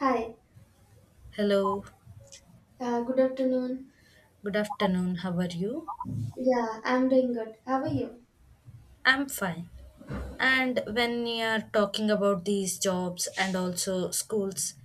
Hi, Hello, good afternoon. good afternoon. How are you? Yeah, I'm doing good. How are you? I'm fine. And when we are talking about these jobs and also schools,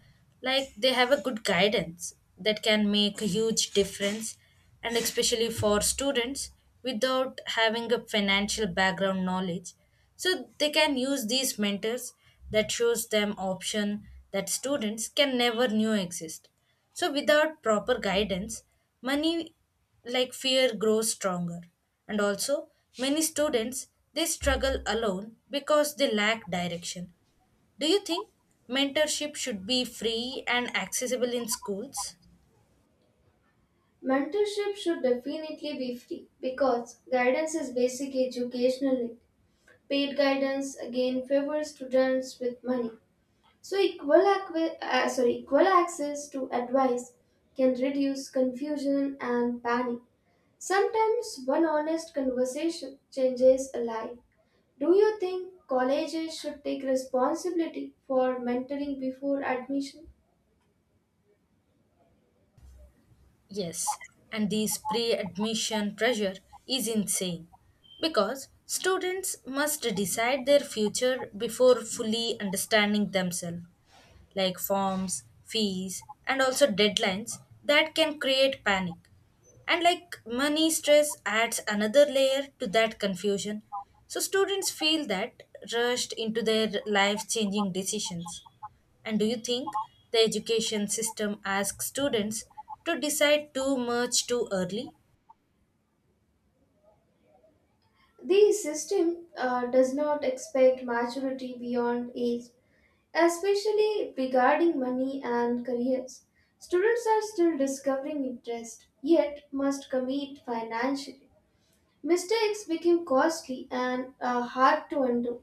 like they have a good guidance that can make a huge difference, and especially for students without having a financial background knowledge. So they can use these mentors that shows them option that students can never knew exist. So without proper guidance, money like fear grows stronger and also many students they struggle alone because they lack direction. Do you think mentorship should be free and accessible in schools? Mentorship should definitely be free because guidance is basic educational need. Paid guidance again favors students with money. So equal access to advice can reduce confusion and panic. Sometimes one honest conversation changes a life. Do you think colleges should take responsibility for mentoring before admission? Yes. And this pre-admission pressure is insane because students must decide their future before fully understanding themselves, like forms, fees, and also deadlines that can create panic. And like money stress adds another layer to that confusion. So students feel that rushed into their life changing decisions. And do you think the education system asks students to decide too much too early? The system does not expect maturity beyond age, especially regarding money and careers. Students are still discovering interest, yet must commit financially. Mistakes become costly and hard to undo.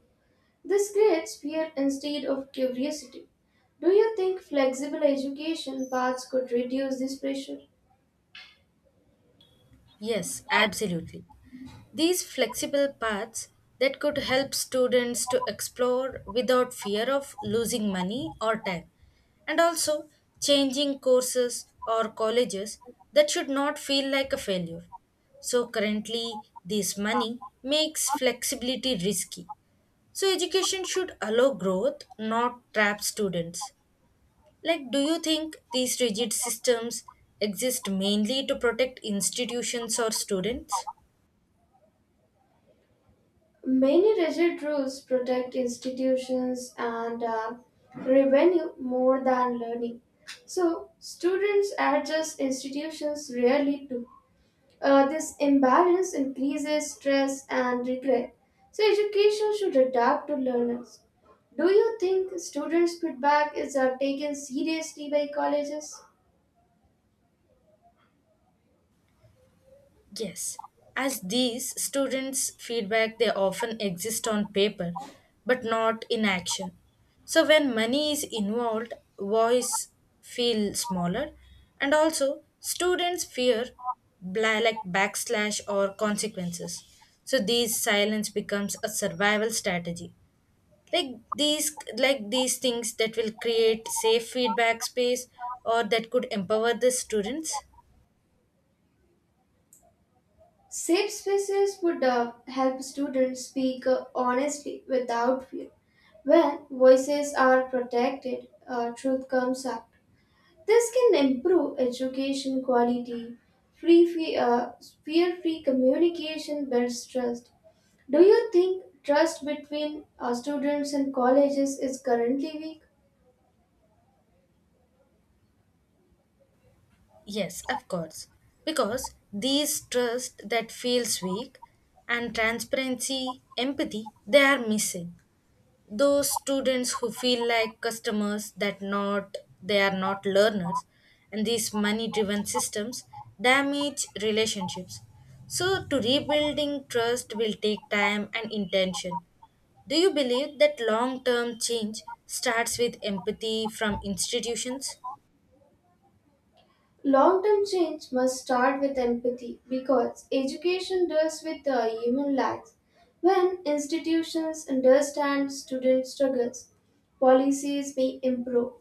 This creates fear instead of curiosity. Do you think flexible education paths could reduce this pressure? Yes, absolutely. These flexible paths that could help students to explore without fear of losing money or time, and also changing courses or colleges that should not feel like a failure. So, currently, this money makes flexibility risky. So, education should allow growth, not trap students. Like, do you think these rigid systems exist mainly to protect institutions or students? Many rigid rules protect institutions and revenue more than learning. So, students adjust institutions rarely do. This imbalance increases stress and regret. So, education should adapt to learners. Do you think students' feedback is taken seriously by colleges? Yes, as these students' feedback, they often exist on paper but not in action. So, when money is involved, voice feel smaller, and also students fear like backslash or consequences. So, these silence becomes a survival strategy, like these things that will create safe feedback space or that could empower the students. Safe spaces would help students speak honestly without fear. When voices are protected, truth comes out. This can improve education quality. Free, fe- uh, Fear-free communication builds trust. Do you think trust between students and colleges is currently weak? Yes, of course, because these trust that feels weak and transparency empathy they are missing. Those students who feel like customers that not, they are not learners, and these money driven systems damage relationships. So to rebuilding trust will take time and intention. Do you believe that long term change starts with empathy from institutions? Long term change must start with empathy because education deals with the human lives. When institutions understand student struggles, policies may improve.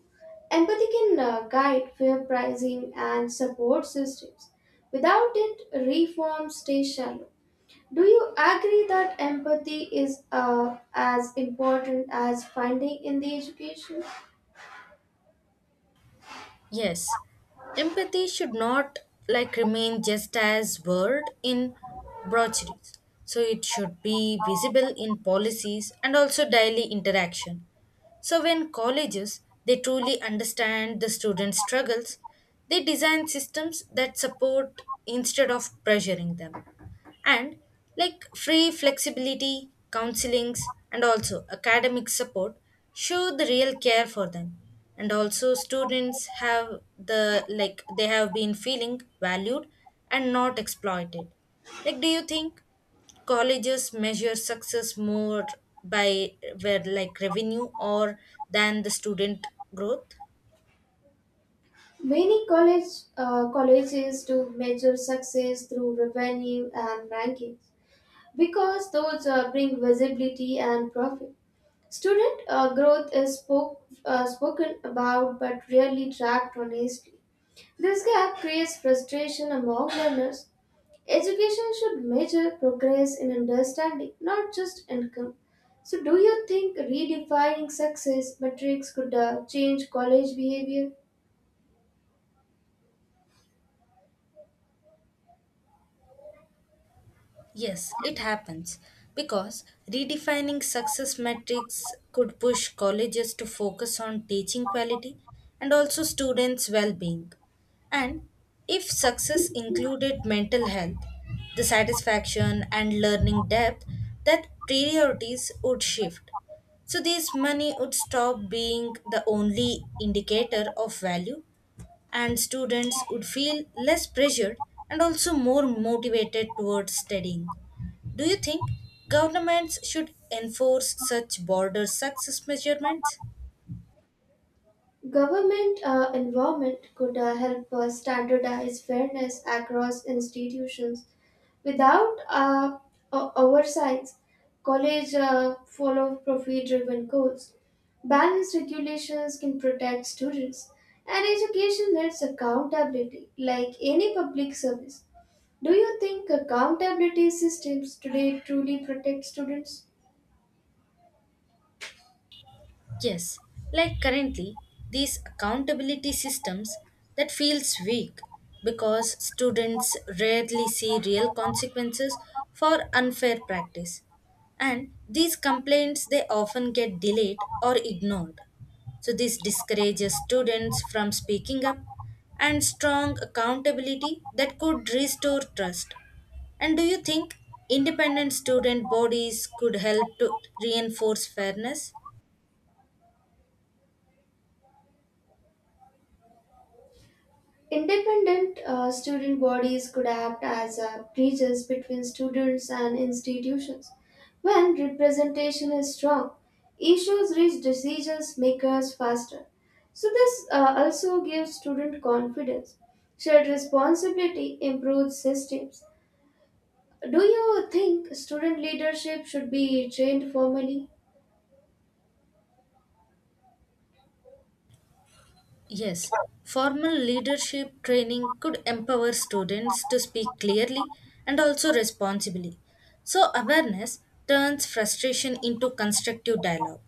Empathy can guide fair pricing and support systems. Without it, reform stays shallow. Do you agree that empathy is as important as funding in the education? Yes, empathy should not like remain just as word in brochures. So it should be visible in policies and also daily interaction. So when colleges they truly understand the students' struggles, they design systems that support instead of pressuring them and like free flexibility, counselings, and also academic support show the real care for them. And also, students have the like they have been feeling valued and not exploited. Like, do you think colleges measure success more by where like revenue or than the student growth? Many colleges do measure success through revenue and rankings because those bring visibility and profit. Student growth is spoken about but rarely tracked honestly. This gap creates frustration among learners. Education should measure progress in understanding, not just income. So, do you think redefining success metrics could change college behavior? Yes, it happens because redefining success metrics could push colleges to focus on teaching quality and also students' well being. And if success included mental health, the satisfaction, and learning depth, that priorities would shift. So, this money would stop being the only indicator of value and students would feel less pressured and also more motivated towards studying. Do you think governments should enforce such border success measurements? Government involvement could help standardize fairness across institutions without oversights. College follow profit-driven goals. Balanced regulations can protect students, and education needs accountability, like any public service. Do you think accountability systems today truly protect students? Yes, like currently, these accountability systems that feels weak because students rarely see real consequences for unfair practice. And these complaints they often get delayed or ignored. So this discourages students from speaking up and strong accountability that could restore trust. And do you think independent student bodies could help to reinforce fairness? Independent student bodies could act as bridges between students and institutions. When representation is strong, issues reach decision makers faster. So, this also gives student confidence. Shared responsibility improves systems. Do you think student leadership should be trained formally? Yes, formal leadership training could empower students to speak clearly and also responsibly. So, awareness turns frustration into constructive dialogue.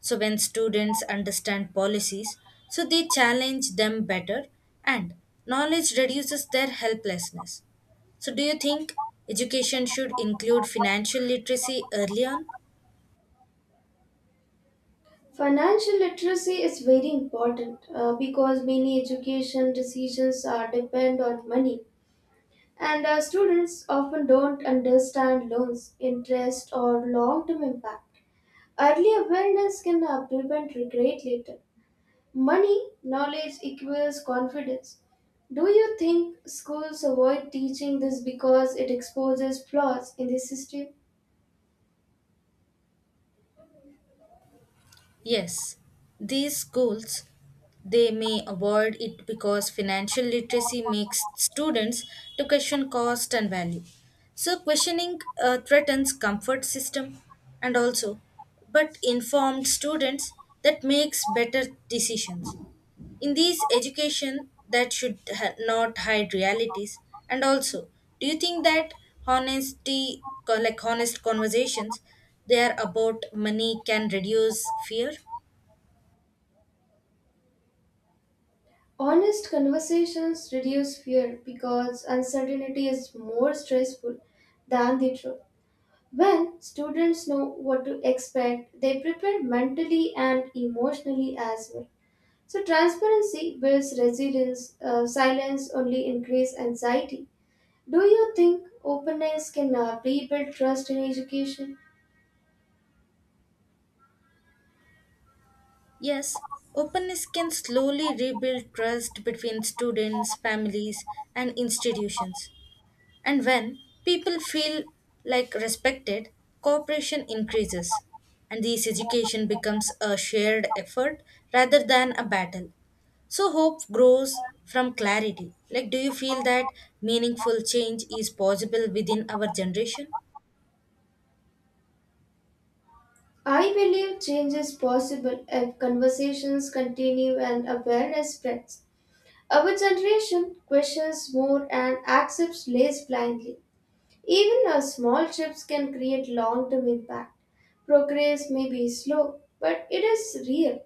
So, when students understand policies, so they challenge them better and knowledge reduces their helplessness. So, do you think education should include financial literacy early on? Financial literacy is very important because many education decisions are depend on money. And students often don't understand loans, interest, or long term impact. Early awareness can prevent regret later. Money, knowledge equals confidence. Do you think schools avoid teaching this because it exposes flaws in the system? Yes, these schools they may avoid it because financial literacy makes students to question cost and value. So questioning threatens comfort system and also but informed students that makes better decisions in these education that should not hide realities. And also, do you think that like honest conversations they are about money can reduce fear? Honest conversations reduce fear because uncertainty is more stressful than the truth. When students know what to expect, they prepare mentally and emotionally as well. So, transparency builds resilience, silence only increases anxiety. Do you think openness can rebuild trust in education? Yes, openness can slowly rebuild trust between students, families, and institutions. And when people feel like respected, cooperation increases, and this education becomes a shared effort rather than a battle. So hope grows from clarity. Like, do you feel that meaningful change is possible within our generation? I believe change is possible if conversations continue and awareness spreads. Our generation questions more and accepts less blindly. Even a small shifts can create long term impact. Progress may be slow, but it is real.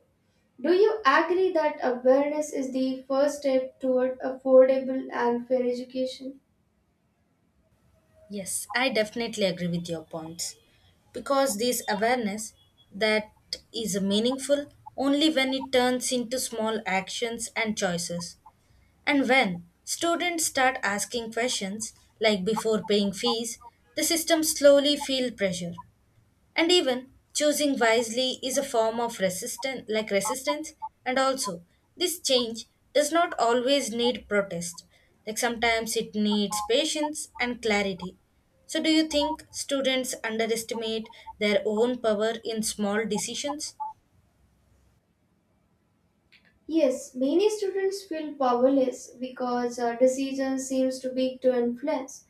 Do you agree that awareness is the first step toward affordable and fair education? Yes, I definitely agree with your points. Because this awareness that is meaningful only when it turns into small actions and choices. And when students start asking questions, like before paying fees, the system slowly feel pressure and even choosing wisely is a form of resistance like resistance and also this change does not always need protest, like sometimes it needs patience and clarity. So do you think students underestimate their own power in small decisions? Yes, many students feel powerless because our decision seems too big to influence.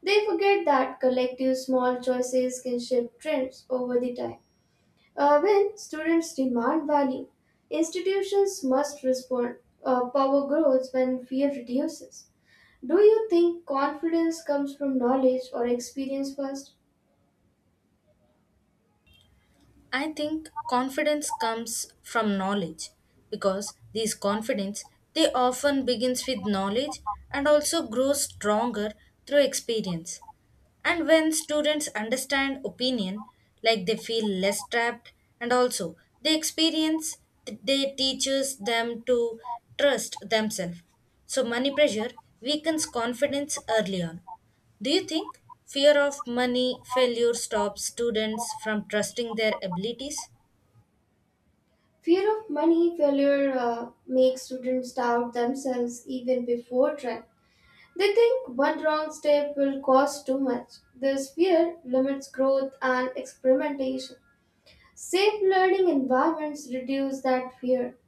They forget that collective small choices can shape trends over the time. When students demand value, institutions must respond. Power grows when fear reduces. Do you think confidence comes from knowledge or experience first? I think confidence comes from knowledge because this confidence they often begins with knowledge and also grows stronger through experience. And when students understand opinion, like they feel less trapped and also they experience they teaches them to trust themselves. So money pressure weakens confidence early on. Do you think fear of money failure stops students from trusting their abilities? Fear of money failure makes students doubt themselves even before trying. They think one wrong step will cost too much. This fear limits growth and experimentation. Safe learning environments reduce that fear.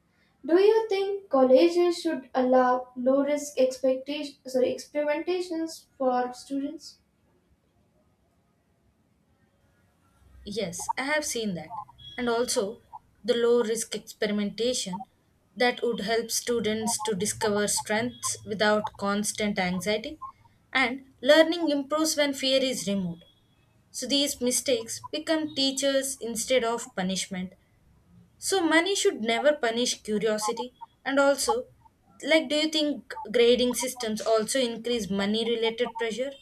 Do you think colleges should allow low-risk experimentations for students? Yes, I have seen that. And also the low risk experimentation that would help students to discover strengths without constant anxiety. And learning improves when fear is removed. So these mistakes become teachers instead of punishment. So money should never punish curiosity. And also, like, do you think grading systems also increase money related pressure?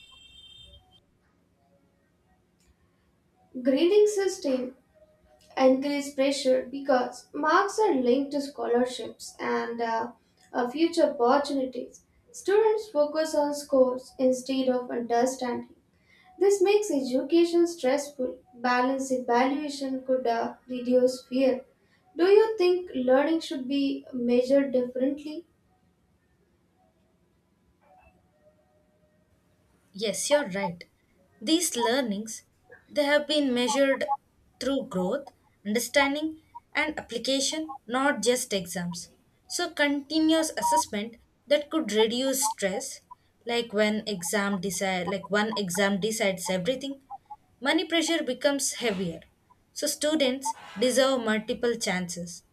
Grading system increased pressure because marks are linked to scholarships and future opportunities. Students focus on scores instead of understanding. This makes education stressful. Balanced evaluation could reduce fear. Do you think learning should be measured differently? Yes, you're right. These learnings they have been measured through growth, understanding and application, not just exams. So continuous assessment that could reduce stress, like when exam decide like one exam decides everything, money pressure becomes heavier. So students deserve multiple chances.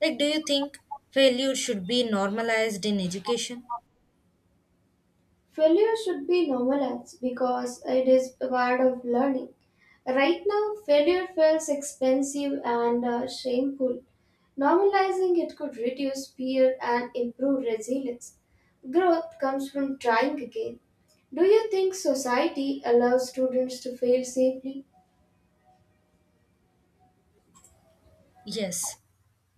Like, do you think failure should be normalized in education? Failure should be normalized because it is part of learning. Right now, failure feels expensive and shameful. Normalizing it could reduce fear and improve resilience. Growth comes from trying again. Do you think society allows students to fail safely? Yes,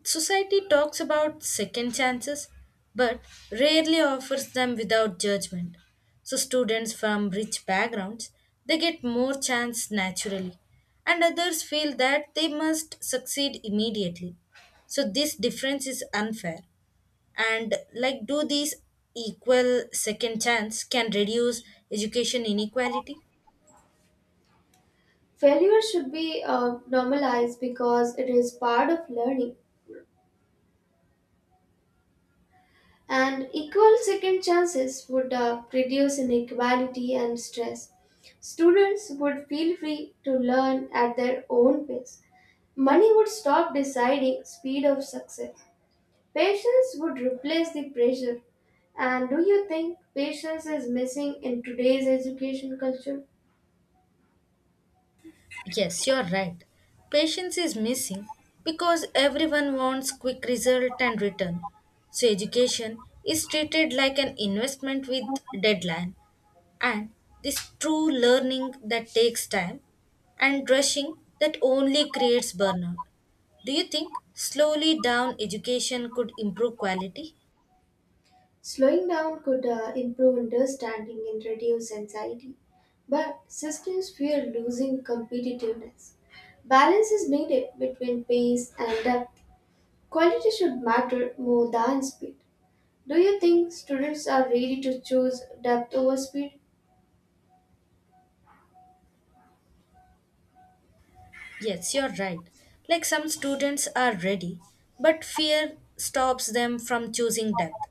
society talks about second chances but rarely offers them without judgment. So students from rich backgrounds they get more chance naturally and others feel that they must succeed immediately. So this difference is unfair. And like, do these equal second chance can reduce education inequality? Failure should be normalized because it is part of learning. And equal second chances would reduce inequality and stress. Students would feel free to learn at their own pace. Money would stop deciding speed of success. Patience would replace the pressure. And do you think patience is missing in today's education culture? Yes, you're right. Patience is missing because everyone wants quick result and return. So education is treated like an investment with deadline and this true learning that takes time and rushing that only creates burnout. Do you think slowly down education could improve quality? Slowing down could improve understanding and reduce anxiety, but systems fear losing competitiveness. Balance is needed between pace and depth. Quality should matter more than speed. Do you think students are ready to choose depth over speed? Yes, you're right. Like some students are ready, but fear stops them from choosing depth.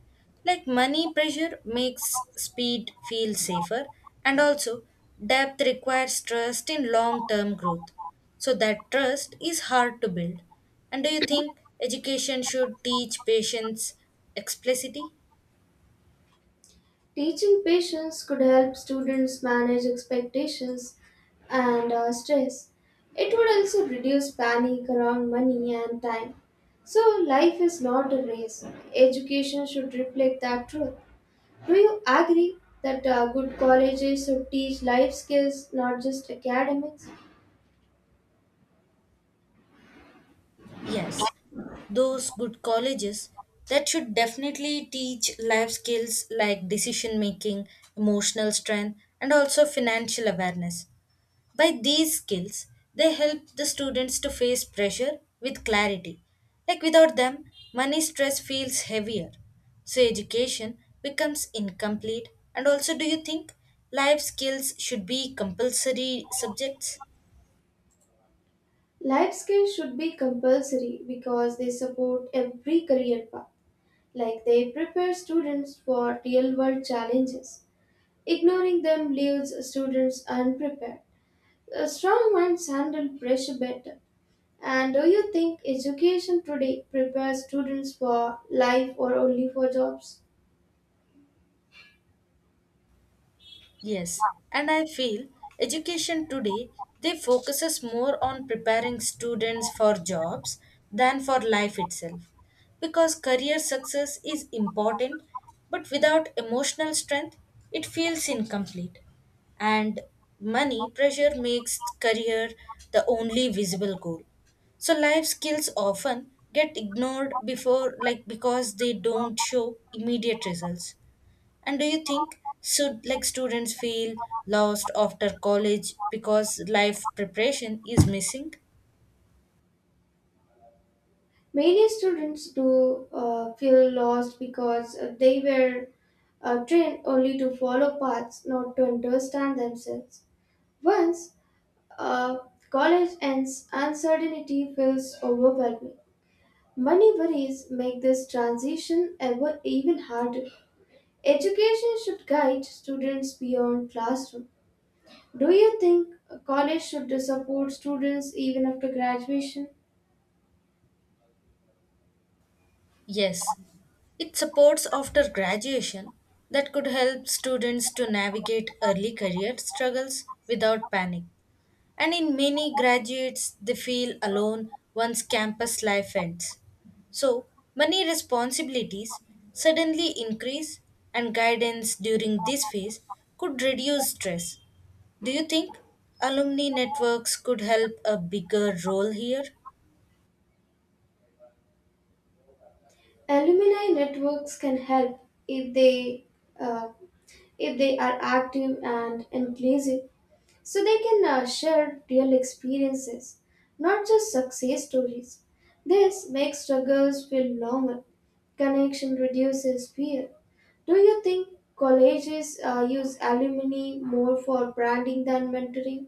Like money pressure makes speed feel safer, and also depth requires trust in long term growth. So that trust is hard to build. And do you think education should teach patience explicitly? Teaching patience could help students manage expectations and stress. It would also reduce panic around money and time. So, life is not a race. Education should reflect that truth. Do you agree that good colleges should teach life skills, not just academics? Yes, those good colleges that should definitely teach life skills like decision making, emotional strength, and also financial awareness. By these skills, they help the students to face pressure with clarity. Like without them, money stress feels heavier. So education becomes incomplete. And also, do you think life skills should be compulsory subjects? Life skills should be compulsory because they support every career path, like they prepare students for real world challenges. Ignoring them leaves students unprepared. A strong minds handle pressure better. And do you think education today prepares students for life or only for jobs? Yes, and I feel education today they focuses more on preparing students for jobs than for life itself because career success is important but without emotional strength it feels incomplete and money pressure makes career the only visible goal, so life skills often get ignored before like because they don't show immediate results. And do you think should like students feel lost after college because life preparation is missing? Many students do feel lost because they were trained only to follow paths, not to understand themselves. Once uh, college ends, uncertainty feels overwhelming. Money worries make this transition ever even harder. Education should guide students beyond classroom. Do you think a college should support students even after graduation? Yes. It supports after graduation that could help students to navigate early career struggles without panic. And in many graduates, they feel alone once campus life ends. So, many responsibilities suddenly increase, and guidance during this phase could reduce stress. Do you think alumni networks could help a bigger role here? Alumni networks can help if they uh, if they are active and inclusive. So they can share real experiences, not just success stories. This makes struggles feel normal. Connection reduces fear. Do you think colleges use alumni more for branding than mentoring?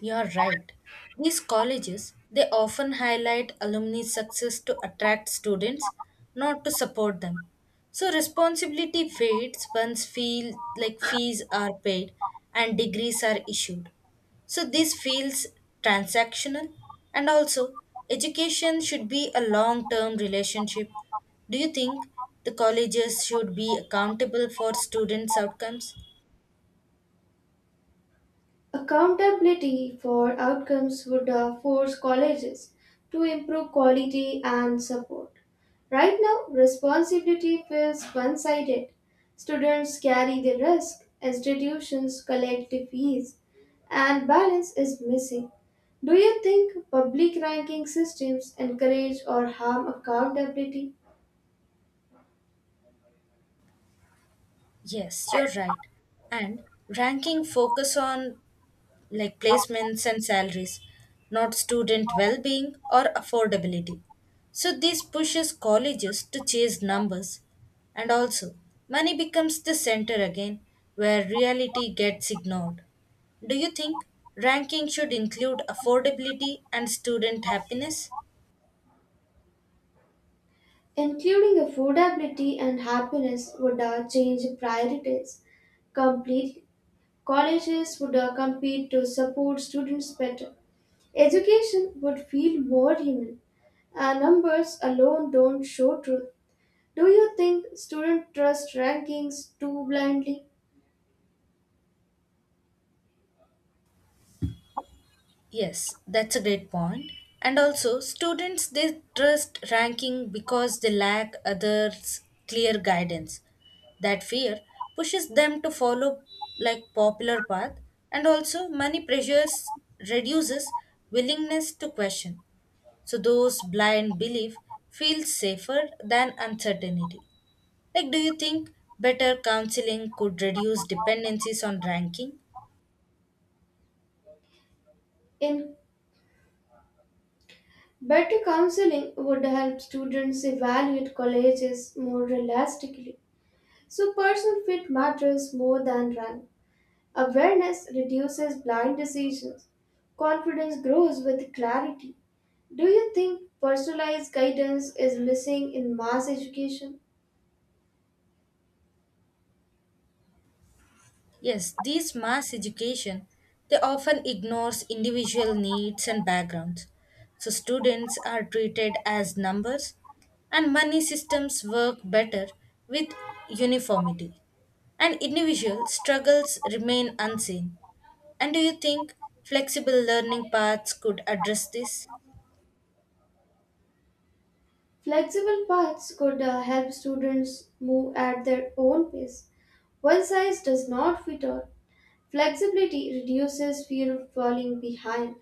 You're right. These colleges, they often highlight alumni success to attract students, not to support them. So responsibility fades once feel like fees are paid and degrees are issued. So this feels transactional and also education should be a long-term relationship. Do you think the colleges should be accountable for students' outcomes? Accountability for outcomes would force colleges to improve quality and support. Right now, responsibility feels one sided. Students carry the risk, institutions collect the fees, and balance is missing. Do you think public ranking systems encourage or harm accountability? Yes, you're right. And ranking focus on like placements and salaries, not student well being or affordability. So, this pushes colleges to chase numbers. And also, money becomes the center again where reality gets ignored. Do you think ranking should include affordability and student happiness? Including affordability and happiness would change priorities completely. Colleges would compete to support students better. Education would feel more human. Numbers alone don't show truth. Do you think students trust rankings too blindly? Yes, that's a great point. And also, students they trust ranking because they lack others' clear guidance. That fear pushes them to follow like popular path, and also money pressures reduces willingness to question. So those blind belief feels safer than uncertainty. Like, do you think better counseling could reduce dependencies on ranking? In Better counseling would help students evaluate colleges more realistically. So personal fit matters more than rank. Awareness reduces blind decisions. Confidence grows with clarity. Do you think personalized guidance is missing in mass education? Yes, this mass education they often ignores individual needs and backgrounds. So students are treated as numbers and money systems work better with uniformity. And individual struggles remain unseen. And do you think flexible learning paths could address this? Flexible paths could help students move at their own pace. One size does not fit all. Flexibility reduces fear of falling behind.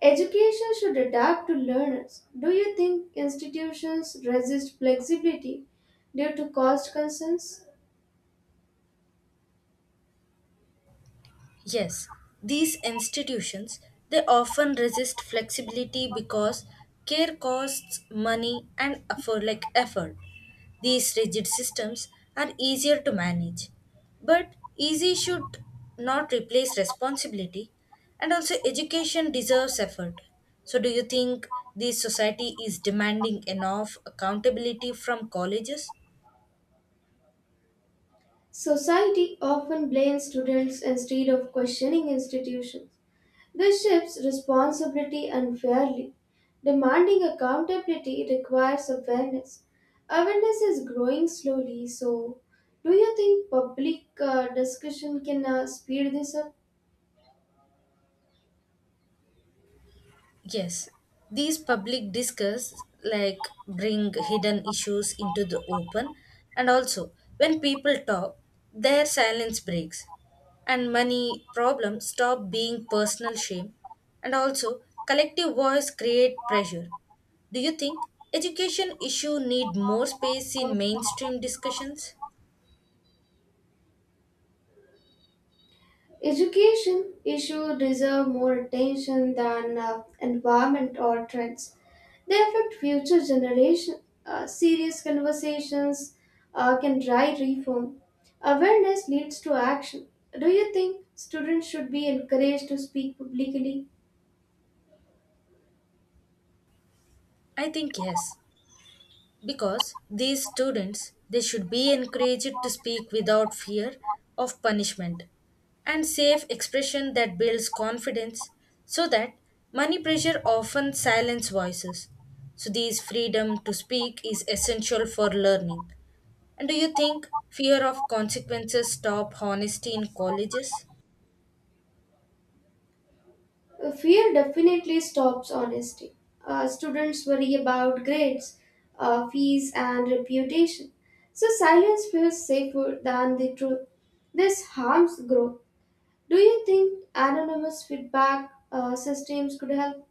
Education should adapt to learners. Do you think institutions resist flexibility due to cost concerns? Yes, these institutions they often resist flexibility because care costs money and effort. These rigid systems are easier to manage. But easy should not replace responsibility and also education deserves effort. So do you think this society is demanding enough accountability from colleges? Society often blames students instead of questioning institutions. This shifts responsibility unfairly. Demanding accountability requires awareness. Awareness is growing slowly, so do you think public discussion can speed this up? Yes, these public discuss like bring hidden issues into the open, and also when people talk, their silence breaks, and money problems stop being personal shame, and also collective voice create pressure. Do you think education issue need more space in mainstream discussions? Education issues deserve more attention than environment or trends. They affect future generations. Serious conversations can drive reform. Awareness leads to action. Do you think students should be encouraged to speak publicly? I think yes, because these students they should be encouraged to speak without fear of punishment and safe expression that builds confidence so that money pressure often silence voices. So this freedom to speak is essential for learning. And do you think fear of consequences stop honesty in colleges? Fear definitely stops honesty. Students worry about grades, fees, and reputation. So silence feels safer than the truth. This harms growth. Do you think anonymous feedback systems could help?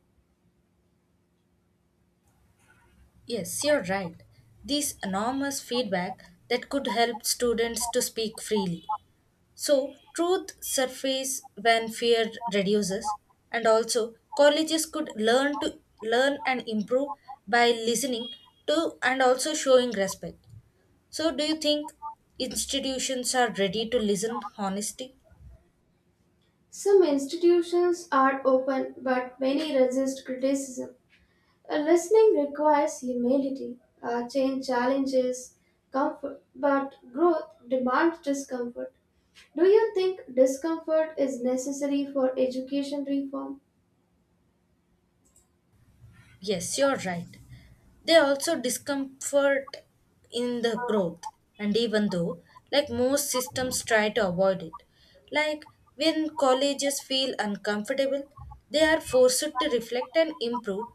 Yes, you're right. This anonymous feedback that could help students to speak freely. So, truth surfaces when fear reduces, and also colleges could learn to learn and improve by listening to and also showing respect. So, do you think institutions are ready to listen honesty? Some institutions are open, but many resist criticism. A listening requires humility. Change challenges comfort, but growth demands discomfort. Do you think discomfort is necessary for education reform? Yes, you're right. They also discomfort in the growth, and even though, like most systems try to avoid it, like when colleges feel uncomfortable, they are forced to reflect and improve.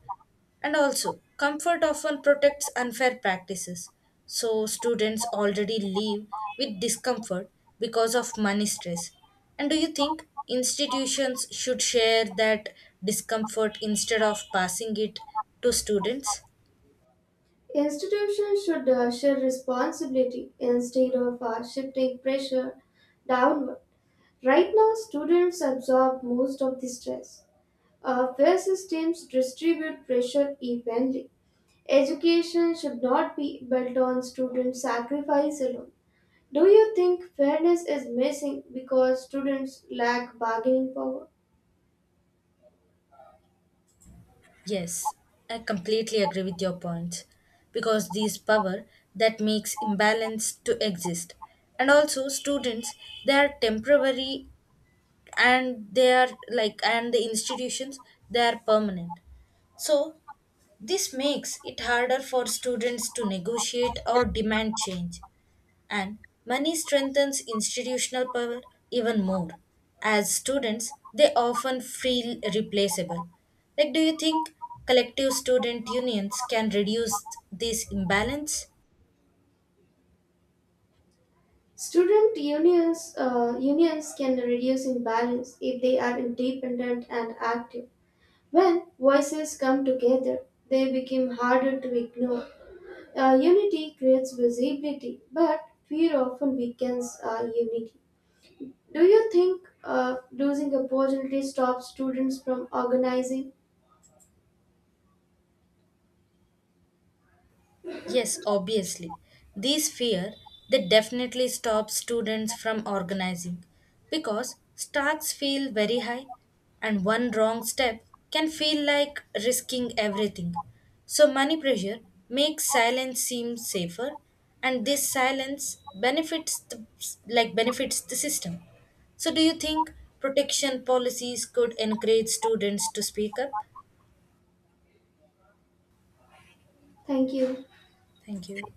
And also, comfort often protects unfair practices. So, students already live with discomfort because of money stress. And do you think institutions should share that discomfort instead of passing it to students? Institutions should share responsibility instead of shifting pressure downward. Right now, students absorb most of the stress. Our fair systems distribute pressure evenly. Education should not be built on student sacrifice alone. Do you think fairness is missing because students lack bargaining power? Yes, I completely agree with your points because these power that makes imbalance to exist and also students they are temporary and they are like and the institutions they are permanent. So this makes it harder for students to negotiate or demand change and money strengthens institutional power even more as students they often feel replaceable. Like, do you think collective student unions can reduce this imbalance? Unions can reduce imbalance if they are independent and active. When voices come together, they become harder to ignore. Unity creates visibility, but fear often weakens our unity. Do you think losing opportunity stops students from organizing? Yes, obviously. These fear they definitely stop students from organizing because stakes feel very high and one wrong step can feel like risking everything. So money pressure makes silence seem safer and this silence benefits the, like benefits the system. So do you think protection policies could encourage students to speak up? Thank you. Thank you.